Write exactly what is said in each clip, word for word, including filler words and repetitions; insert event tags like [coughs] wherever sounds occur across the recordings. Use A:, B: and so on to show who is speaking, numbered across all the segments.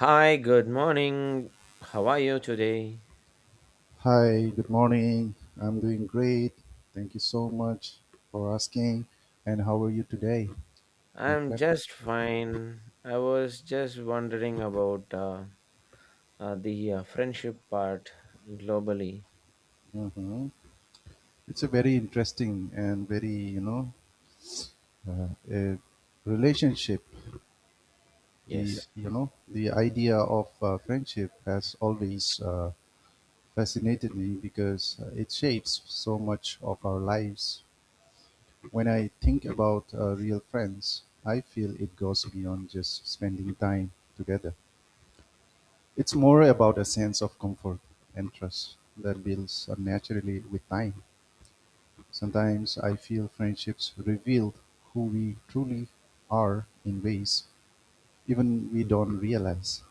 A: Hi, good morning. How are you today?
B: Hi, good morning. I'm doing great. Thank you so much for asking. And how are you today, my
A: I'm
B: friend?
A: just fine. I was just wondering about uh, uh, the uh, friendship part globally.
B: Mhm. It's a very interesting and very, you know, uh, a relationship. The
A: Yes.
B: you know the idea of uh, friendship has always uh, fascinated me because uh, it shapes so much of our lives. When I think about uh, real friends, I feel it goes beyond just spending time together. It's more about a sense of comfort and trust that builds up naturally with time. Sometimes I feel friendships reveal who we truly are in ways even we don't realize.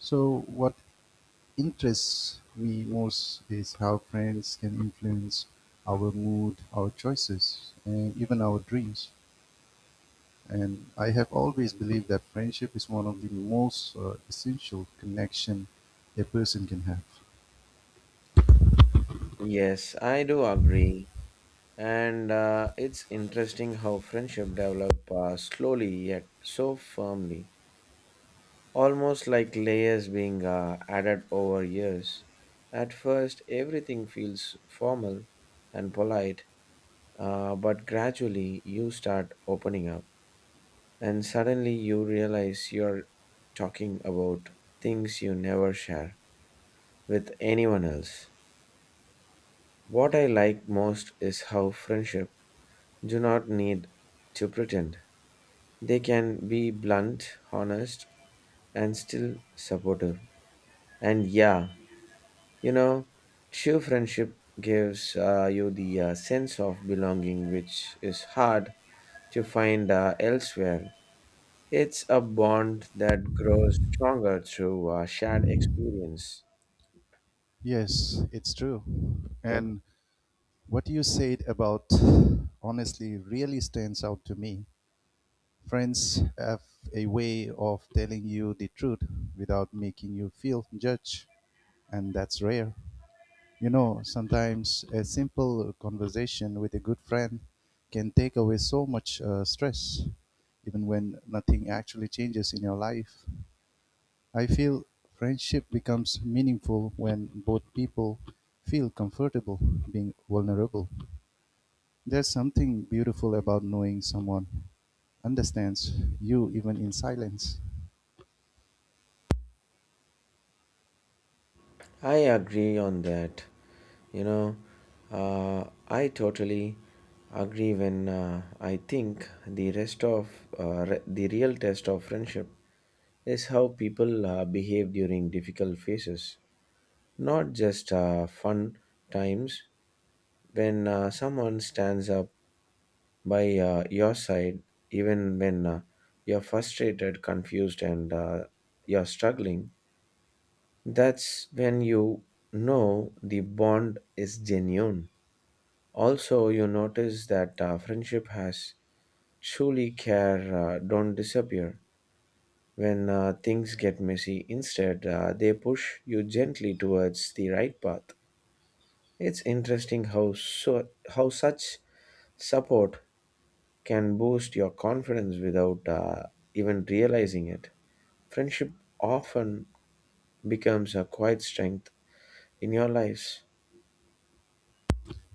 B: So, what interests me most is how friends can influence our mood, our choices, and even our dreams. And I have always believed that friendship is one of the most uh, essential connection a person can have.
A: Yes, I do agree. And uh, it's interesting how friendship develop uh, slowly yet so firmly, almost like layers being uh, added over years. At first, everything feels formal and polite. Uh, but gradually you start opening up, and suddenly you realize you're talking about things you never share with anyone else. What I like most is how friendship do not need to pretend. They can be blunt, honest, and still supportive. And yeah, you know, true friendship gives uh, you the uh, sense of belonging, which is hard to find uh, elsewhere. It's a bond that grows stronger through uh, shared experience.
B: Yes, it's true.
A: Yep.
B: And what you said about honestly really stands out to me. Friends have a way of telling you the truth without making you feel judged, and that's rare. You know, sometimes a simple conversation with a good friend can take away so much uh, stress, even when nothing actually changes in your life. I feel friendship becomes meaningful when both people feel comfortable being vulnerable. There's something beautiful about knowing someone understands you even in silence.
A: I agree on that. You know, uh, I totally agree when uh, I think the rest of uh, re- the real test of friendship is how people uh, behave during difficult phases, not just uh, fun times when uh, someone stands up by uh, your side, even when uh, you're frustrated, confused, and uh, you're struggling. That's when you know the bond is genuine. Also, you notice that uh, friendship has truly care, uh, don't disappear. When uh, things get messy, instead, uh, they push you gently towards the right path. It's interesting how, so, how such support can boost your confidence without uh, even realizing it. Friendship often becomes a quiet strength in your lives.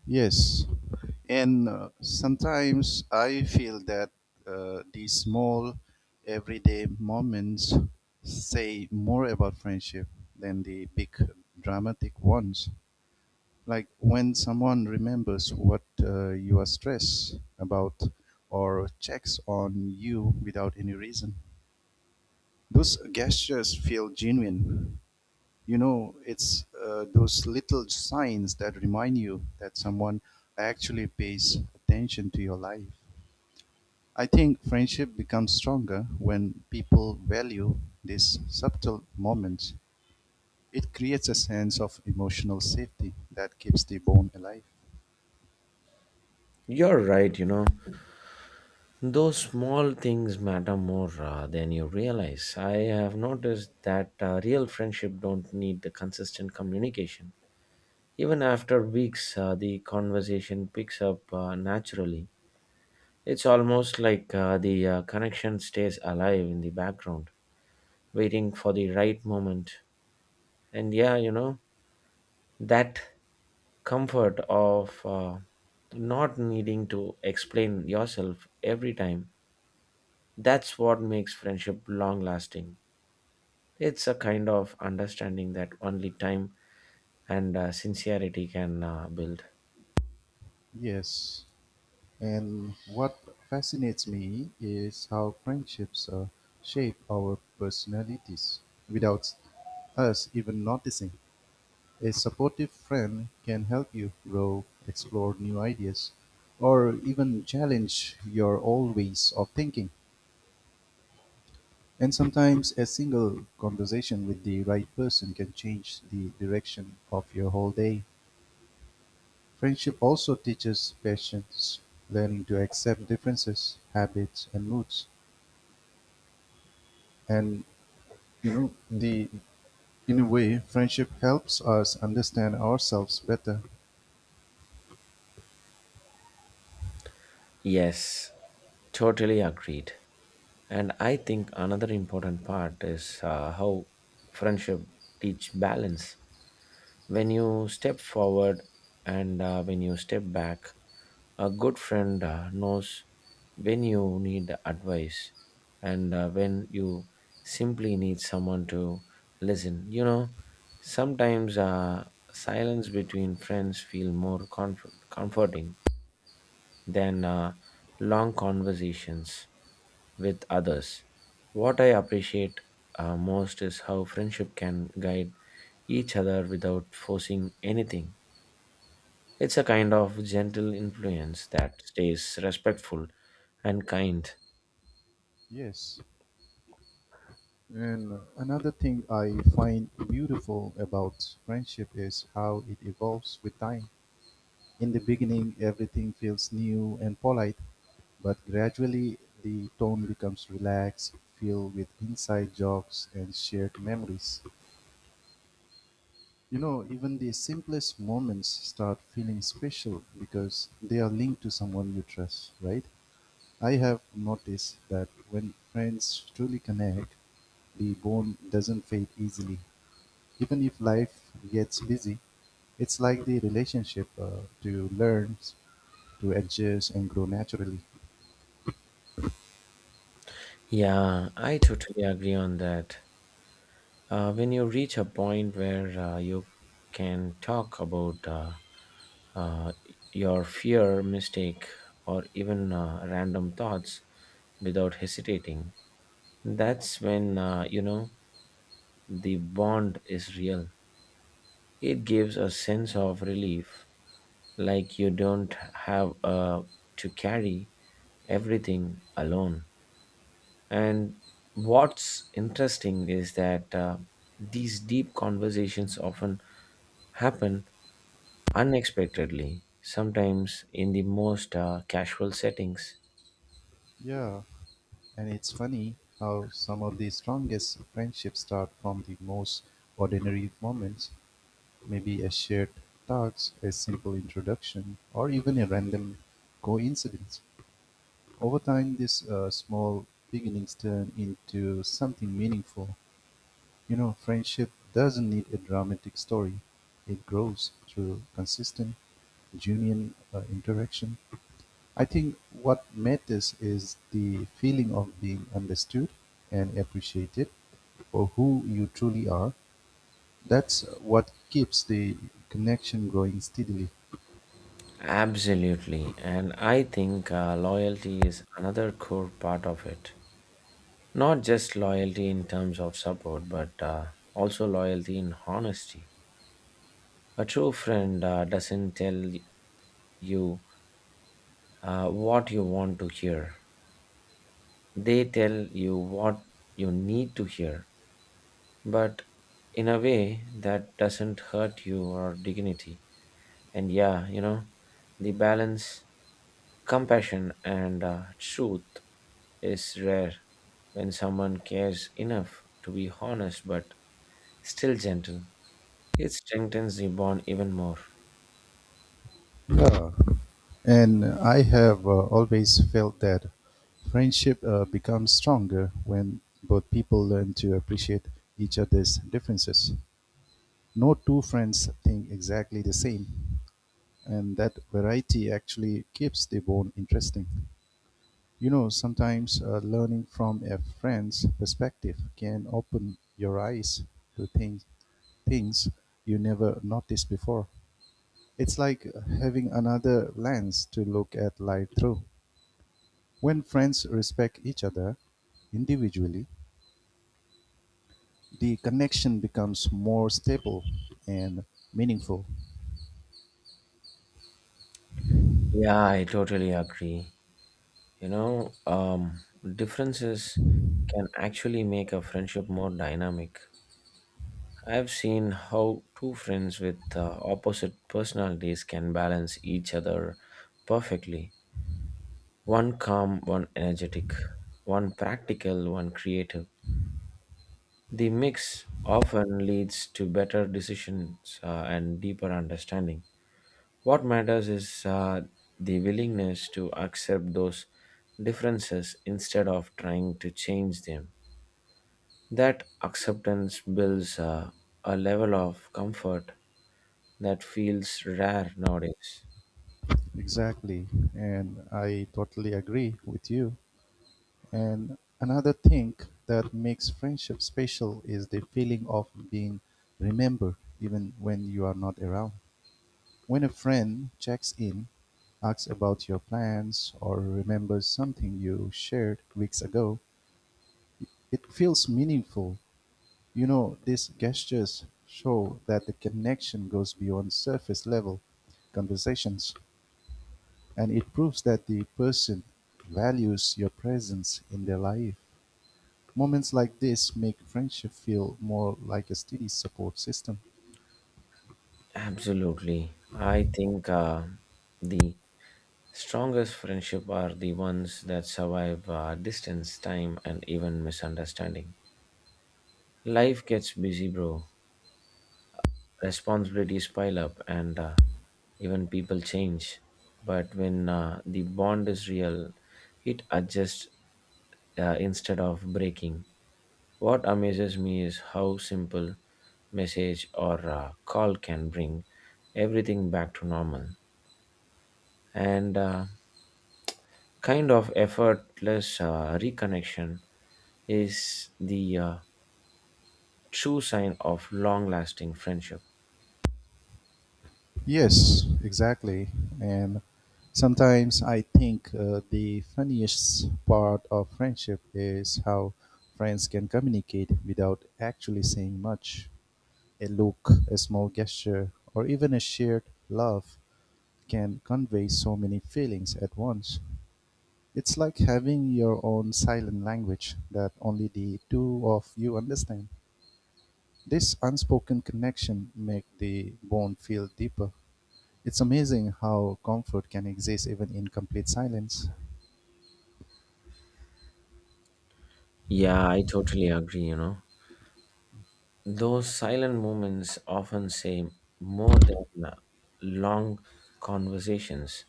B: Yes, and uh, sometimes I feel that uh, these small everyday moments say more about friendship than the big dramatic ones, like when someone remembers what uh, you are stressed about or checks on you without any reason. Those gestures feel genuine. You know, it's uh, those little signs that remind you that someone actually pays attention to your life. I think friendship becomes stronger when people value these subtle moments. It creates a sense of emotional safety that keeps the bond alive.
A: You're right, you know. Those small things matter more uh, than you realize. I have noticed that uh, real friendship don't need the consistent communication. Even after weeks, uh, the conversation picks up uh, naturally. It's almost like uh, the uh, connection stays alive in the background, waiting for the right moment. And yeah, you know that comfort of uh, not needing to explain yourself every time, that's what makes friendship long lasting. It's a kind of understanding that only time and uh, sincerity can uh, build.
B: Yes. And what fascinates me is how friendships uh, shape our personalities without us even noticing. A supportive friend can help you grow, explore new ideas, or even challenge your old ways of thinking. And sometimes a single conversation with the right person can change the direction of your whole day. Friendship also teaches patience, learning to accept differences, habits, and moods. And you know the in a way friendship helps us understand ourselves better.
A: Yes, totally agreed. And I think another important part is uh, how friendship teach balance, when you step forward and uh, when you step back. A good friend uh, knows when you need advice and uh, when you simply need someone to listen. You know sometimes uh, silence between friends feel more comfort- comforting than uh, long conversations with others. What I appreciate uh, most is how friendship can guide each other without forcing anything. It's a kind of gentle influence that stays respectful and kind.
B: Yes, and another thing I find beautiful about friendship is how it evolves with time. In the beginning, everything feels new and polite, but gradually the tone becomes relaxed, filled with inside jokes and shared memories. You know, even the simplest moments start feeling special because they are linked to someone you trust, right? I have noticed that when friends truly connect, the bond doesn't fade easily. Even if life gets busy, it's like the relationship uh, to learn, to adjust, and grow naturally.
A: Yeah, I totally agree on that. Uh, when you reach a point where uh, you can talk about uh, uh, your fear, mistake, or even uh, random thoughts without hesitating, that's when uh, you know the bond is real. It gives a sense of relief. Like you don't have uh, to carry everything alone. And what's interesting is that uh, these deep conversations often happen unexpectedly, sometimes in the most uh, casual settings.
B: Yeah, and it's funny how some of the strongest friendships start from the most ordinary moments, maybe a shared task, a simple introduction, or even a random coincidence. Over time, these uh, small beginnings turn into something meaningful. You know, friendship doesn't need a dramatic story, it grows through consistent, genuine uh, interaction. I think what matters is the feeling of being understood and appreciated for who you truly are. That's what keeps the connection growing steadily.
A: Absolutely. And I think uh, loyalty is another core part of it. Not just loyalty in terms of support, but uh, also loyalty in honesty. A true friend uh, doesn't tell you uh, what you want to hear. They tell you what you need to hear, but in a way that doesn't hurt you or dignity. And yeah, you know, the balance, compassion, and uh, truth is rare when someone cares enough to be honest but still gentle. It strengthens the bond even more.
B: Yeah. And I have uh, always felt that friendship uh, becomes stronger when both people learn to appreciate each other's differences. No two friends think exactly the same, and that variety actually keeps the bond interesting. You know, sometimes uh, learning from a friend's perspective can open your eyes to things things you never noticed before. It's like having another lens to look at life through. When friends respect each other individually, the connection becomes more stable and meaningful.
A: Yeah, I totally agree. You know, um, differences can actually make a friendship more dynamic. I've seen how two friends with uh, opposite personalities can balance each other perfectly. One calm, one energetic, one practical, one creative. The mix often leads to better decisions uh, and deeper understanding. What matters is uh, the willingness to accept those differences instead of trying to change them. That acceptance builds uh, a level of comfort that feels rare nowadays.
B: Exactly. And I totally agree with you. And another thing that makes friendship special is the feeling of being remembered even when you are not around. When a friend checks in, asks about your plans, or remembers something you shared weeks ago, it feels meaningful. You know, these gestures show that the connection goes beyond surface level conversations, and it proves that the person values your presence in their life. Moments like this make friendship feel more like a steady support system.
A: Absolutely. I think uh, the strongest friendship are the ones that survive uh, distance, time, and even misunderstanding. Life gets busy, bro. Responsibilities pile up, and uh, even people change. But when uh, the bond is real, it adjusts uh, instead of breaking. What amazes me is how simple message or a call can bring everything back to normal. And uh, kind of effortless uh, reconnection is the uh, true sign of long lasting friendship.
B: Yes, exactly. And sometimes I think uh, the funniest part of friendship is how friends can communicate without actually saying much. A look, a small gesture, or even a shared laugh can convey so many feelings at once. It's like having your own silent language that only the two of you understand. This unspoken connection makes the bond feel deeper. It's amazing how comfort can exist even in complete silence.
A: Yeah, I totally agree, you know. Those silent moments often say more than uh, long conversations.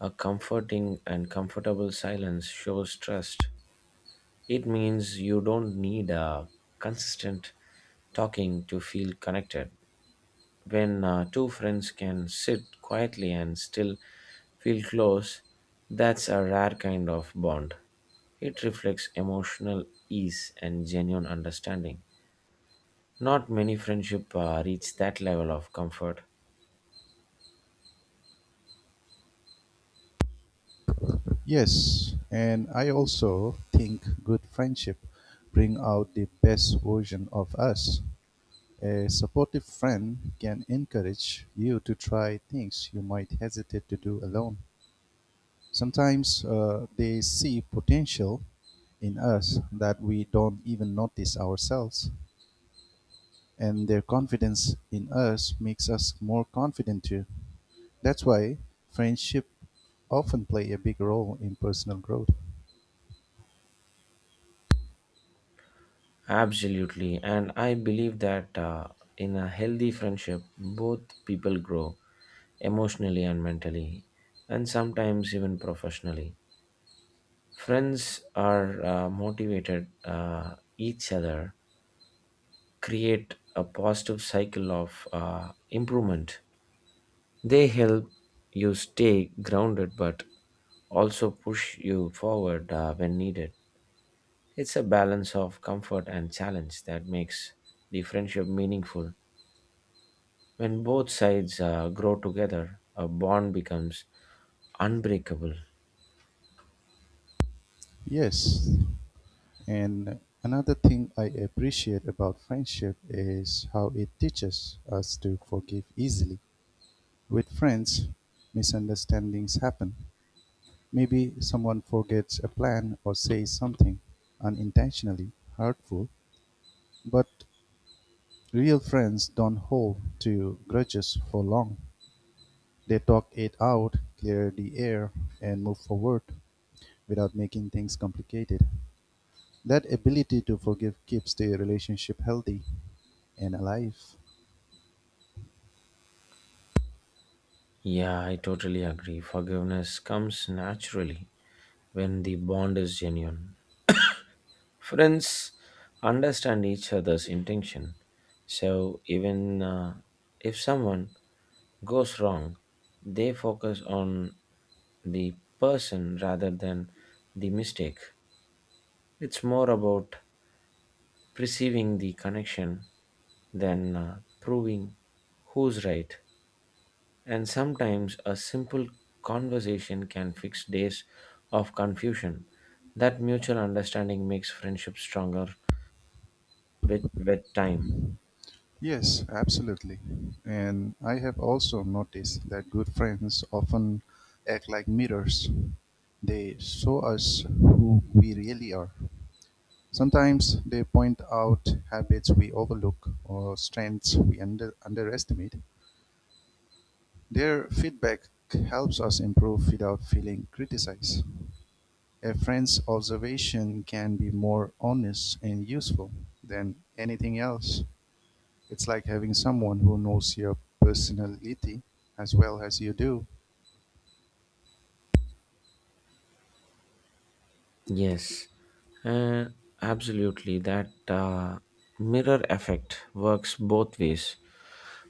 A: A comforting and comfortable silence shows trust. It means you don't need a consistent talking to feel connected. When uh, two friends can sit quietly and still feel close, that's a rare kind of bond. It reflects emotional ease and genuine understanding. Not many friendships uh, reach that level of comfort.
B: Yes, and I also think good friendship bring out the best version of us. A supportive friend can encourage you to try things you might hesitate to do alone. Sometimes uh, they see potential in us that we don't even notice ourselves, and their confidence in us makes us more confident too. That's why friendship often play a big role in personal growth.
A: Absolutely. And I believe that uh, in a healthy friendship, both people grow emotionally and mentally, and sometimes even professionally. Friends are uh, motivated uh, each other, create a positive cycle of uh, improvement. They help you stay grounded but also push you forward uh, when needed. It's a balance of comfort and challenge that makes the friendship meaningful. When both sides uh, grow together, a bond becomes unbreakable.
B: Yes, and another thing I appreciate about friendship is how it teaches us to forgive easily. With friends, misunderstandings happen; maybe someone forgets a plan or says something unintentionally hurtful. But real friends don't hold to grudges for long. They talk it out, clear the air, and move forward without making things complicated. That ability to forgive keeps the relationship healthy and alive.
A: Yeah, I totally agree. Forgiveness comes naturally when the bond is genuine. Friends understand each other's intention. So, even uh, if someone goes wrong, they focus on the person rather than the mistake. It's more about perceiving the connection than uh, proving who's right. And sometimes a simple conversation can fix days of confusion. That mutual understanding makes friendship stronger with, with time.
B: Yes, absolutely. And I have also noticed that good friends often act like mirrors. They show us who we really are. Sometimes they point out habits we overlook or strengths we under- underestimate. Their feedback helps us improve without feeling criticized. A friend's observation can be more honest and useful than anything else. It's like having someone who knows your personality as well as you do.
A: Yes, uh, absolutely. That uh, mirror effect works both ways.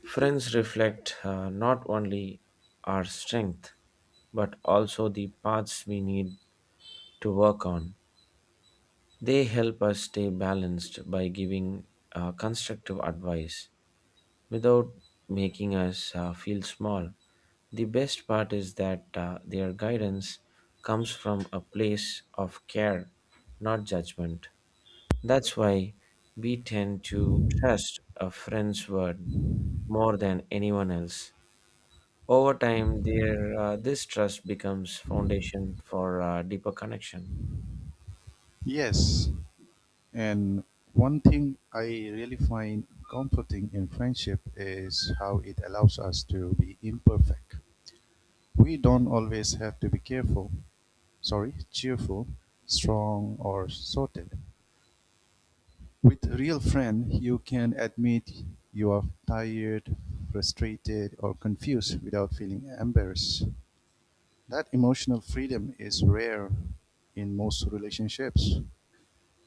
A: Friends reflect uh, not only our strength, but also the paths we need to work on. They help us stay balanced by giving uh, constructive advice without making us uh, feel small. The best part is that uh, their guidance comes from a place of care, not judgment. That's why we tend to trust a friend's word more than anyone else. Over time, their, uh, this trust becomes foundation for uh, deeper connection.
B: Yes, and one thing I really find comforting in friendship is how it allows us to be imperfect. We don't always have to be careful, sorry, cheerful, strong, or sorted. With a real friend, you can admit you are tired, frustrated, or confused without feeling embarrassed. That emotional freedom is rare in most relationships.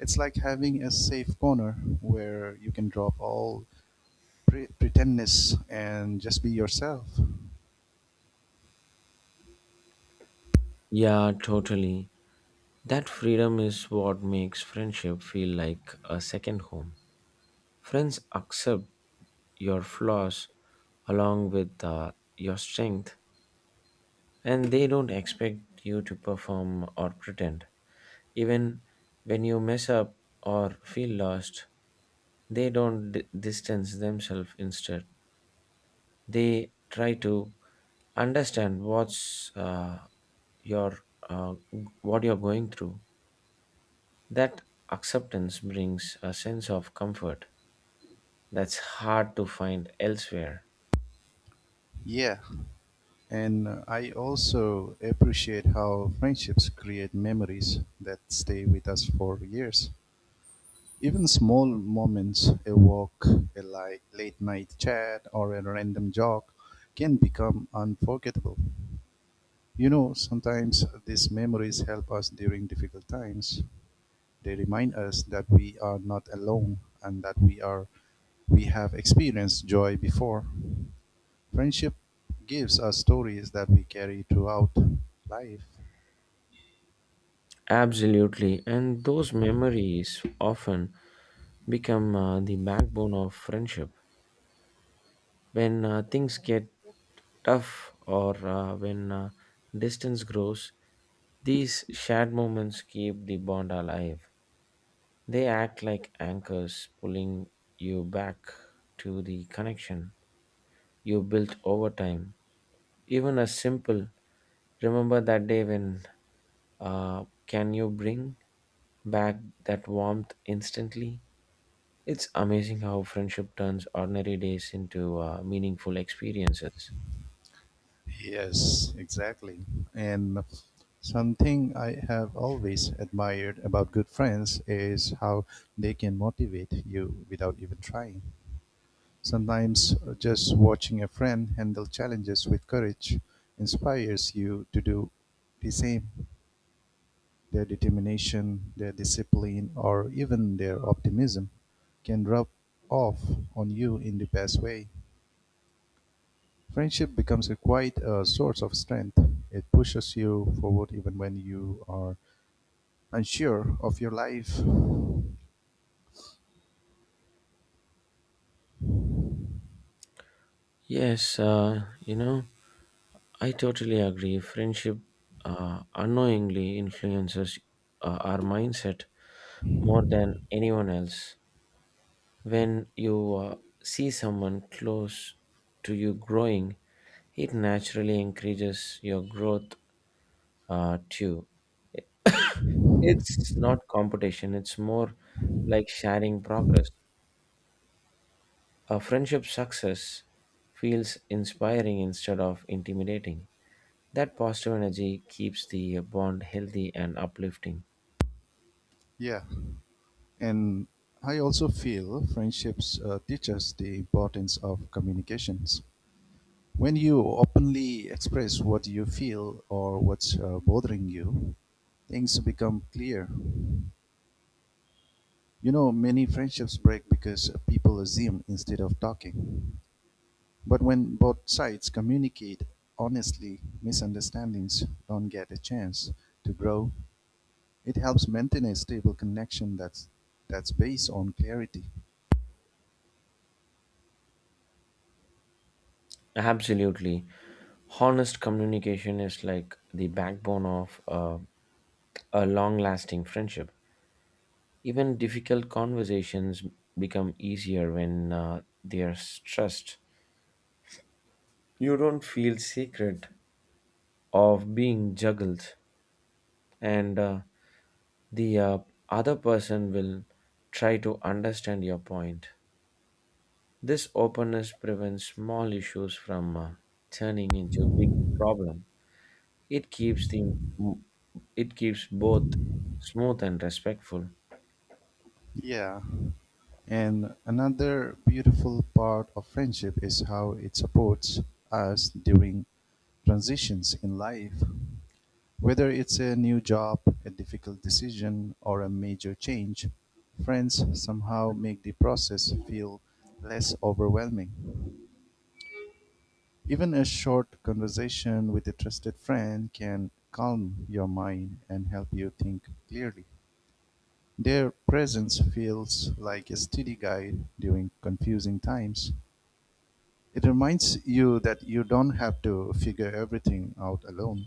B: It's like having a safe corner where you can drop all pre- pretendness and just be yourself.
A: Yeah, totally. That freedom is what makes friendship feel like a second home. Friends accept your flaws along with uh, your strength, and they don't expect you to perform or pretend, even when you mess up or feel lost. They don't d- distance themselves. Instead, they try to understand what's uh, your uh, what you're going through. That acceptance brings a sense of comfort that's hard to find elsewhere.
B: Yeah, and uh, I also appreciate how friendships create memories that stay with us for years. Even small moments, a walk, a like late night chat, or a random jog, can become unforgettable. You know, sometimes these memories help us during difficult times. They remind us that we are not alone and that we are we have experienced joy before. Friendship gives us stories that we carry throughout life.
A: Absolutely, and those memories often become uh, the backbone of friendship. When uh, things get tough, or uh, when uh, distance grows, these shared moments keep the bond alive. They act like anchors pulling you back to the connection you built over time. Even a simple "remember that day when uh, can you bring back that warmth instantly. It's amazing how friendship turns ordinary days into uh, meaningful experiences.
B: Yes, exactly. And something I have always admired about good friends is how they can motivate you without even trying. Sometimes uh, just watching a friend handle challenges with courage inspires you to do the same. Their determination, their discipline, or even their optimism can rub off on you in the best way. Friendship becomes a quite a source of strength. It pushes you forward even when you are unsure of your life.
A: Yes, uh, you know, I totally agree. Friendship uh, unknowingly influences uh, our mindset more than anyone else. When you uh, see someone close to you growing, it naturally encourages your growth uh, too. [coughs] It's not competition, it's more like sharing progress. A friendship success feels inspiring instead of intimidating. That positive energy keeps the bond healthy and uplifting.
B: Yeah, and I also feel friendships uh, teach us the importance of communications. When you openly express what you feel or what's uh, bothering you, things become clear. You know, many friendships break because people assume instead of talking. But when both sides communicate honestly, misunderstandings don't get a chance to grow. It helps maintain a stable connection that's that's based on clarity.
A: Absolutely. Honest communication is like the backbone of uh, a long lasting friendship. Even difficult conversations become easier when uh, they are stressed. You don't feel sacred of being juggled, and uh, the uh, other person will try to understand your point. This openness prevents small issues from uh, turning into big problem. It keeps the it keeps both smooth and respectful.
B: Yeah. And another beautiful part of friendship is how it supports us during transitions in life. Whether it's a new job, a difficult decision, or a major change, friends somehow make the process feel less overwhelming. Even a short conversation with a trusted friend can calm your mind and help you think clearly. Their presence feels like a steady guide during confusing times. It reminds you that you don't have to figure everything out alone.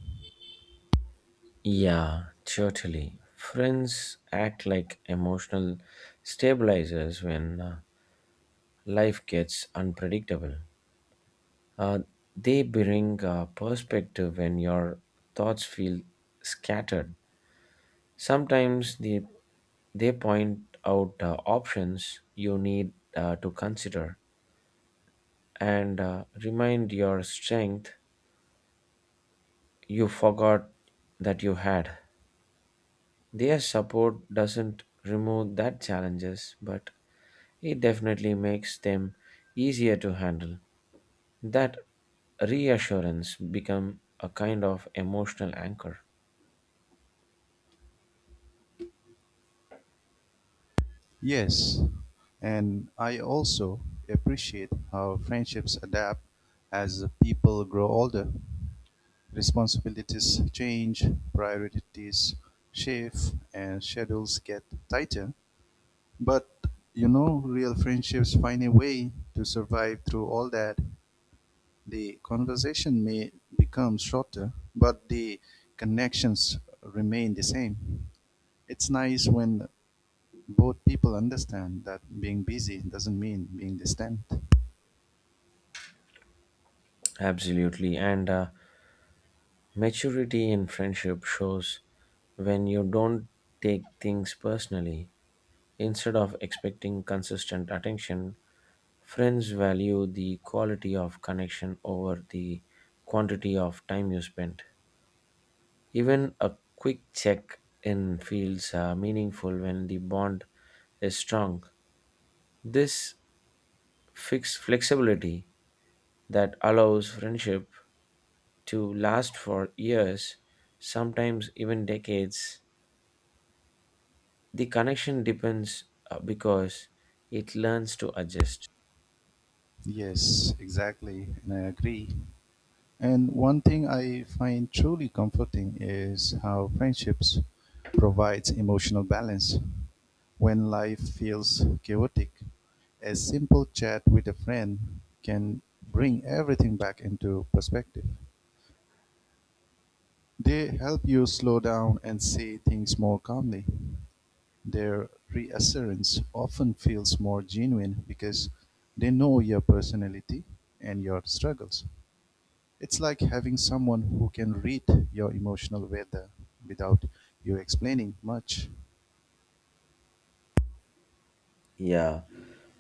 A: Yeah, totally. Friends act like emotional stabilizers when uh, life gets unpredictable. Uh, they bring uh, perspective when your thoughts feel scattered. Sometimes they, they point out uh, options you need uh, to consider, and uh, remind your strength you forgot that you had. Their support doesn't remove that challenges, but it definitely makes them easier to handle. That reassurance become a kind of emotional anchor.
B: Yes, and I also appreciate how friendships adapt as people grow older. Responsibilities change, priorities shift, and schedules get tighter. But you know, real friendships find a way to survive through all that. The conversation may become shorter, but the connections remain the same. It's nice when both people understand that being busy doesn't mean being distant.
A: Absolutely, and uh, maturity in friendship shows when you don't take things personally. Instead of expecting consistent attention, friends value the quality of connection over the quantity of time you spend. Even a quick check in feels uh, meaningful when the bond is strong. This fixed flexibility that allows friendship to last for years, sometimes even decades. The connection depends uh, because it learns to adjust.
B: Yes, exactly, and I agree. And one thing I find truly comforting is how friendships provides emotional balance. When life feels chaotic, a simple chat with a friend can bring everything back into perspective. They help you slow down and say things more calmly. Their reassurance often feels more genuine because they know your personality and your struggles. It's like having someone who can read your emotional weather without you explaining much.
A: Yeah,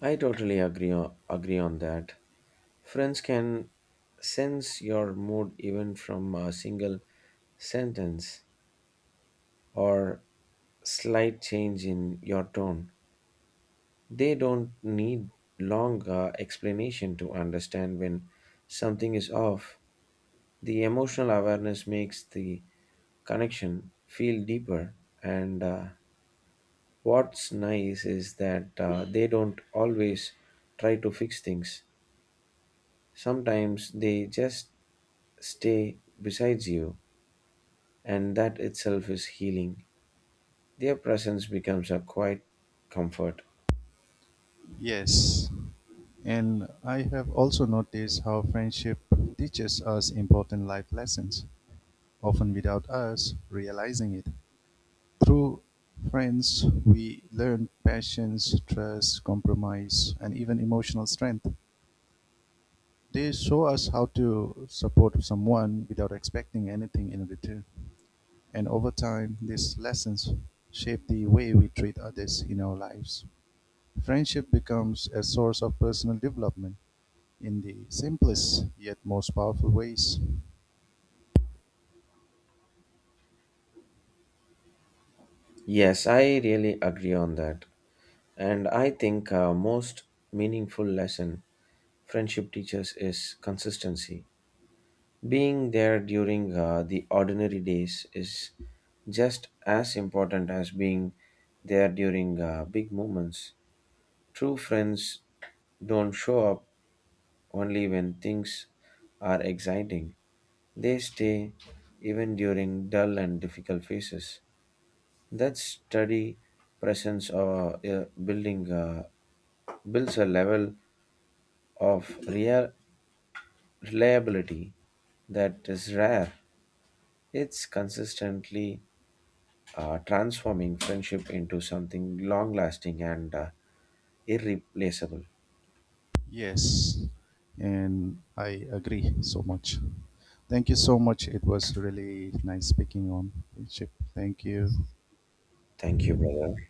A: I totally agree on, agree on that. Friends can sense your mood even from a single sentence or slight change in your tone. They don't need long uh, explanation to understand when something is off. The emotional awareness makes the connection feel deeper and uh, what's nice is that uh, they don't always try to fix things. Sometimes they just stay besides you, and that itself is healing. Their presence becomes a quiet comfort.
B: Yes, and I have also noticed how friendship teaches us important life lessons, often without us realizing it. Through friends, we learn patience, trust, compromise, and even emotional strength. They show us how to support someone without expecting anything in return. And over time, these lessons shape the way we treat others in our lives. Friendship becomes a source of personal development in the simplest yet most powerful ways.
A: Yes, I really agree on that. And I think uh, most meaningful lesson friendship teaches is consistency. Being there during uh, the ordinary days is just as important as being there during uh, big moments. True friends don't show up only when things are exciting, they stay even during dull and difficult phases. That steady presence or uh, building uh, builds a level of real reliability that is rare. It's consistently uh, transforming friendship into something long lasting and uh, irreplaceable.
B: Yes, and I agree so much. Thank you so much. It was really nice speaking on ship. Thank you.
A: Thank you, brother.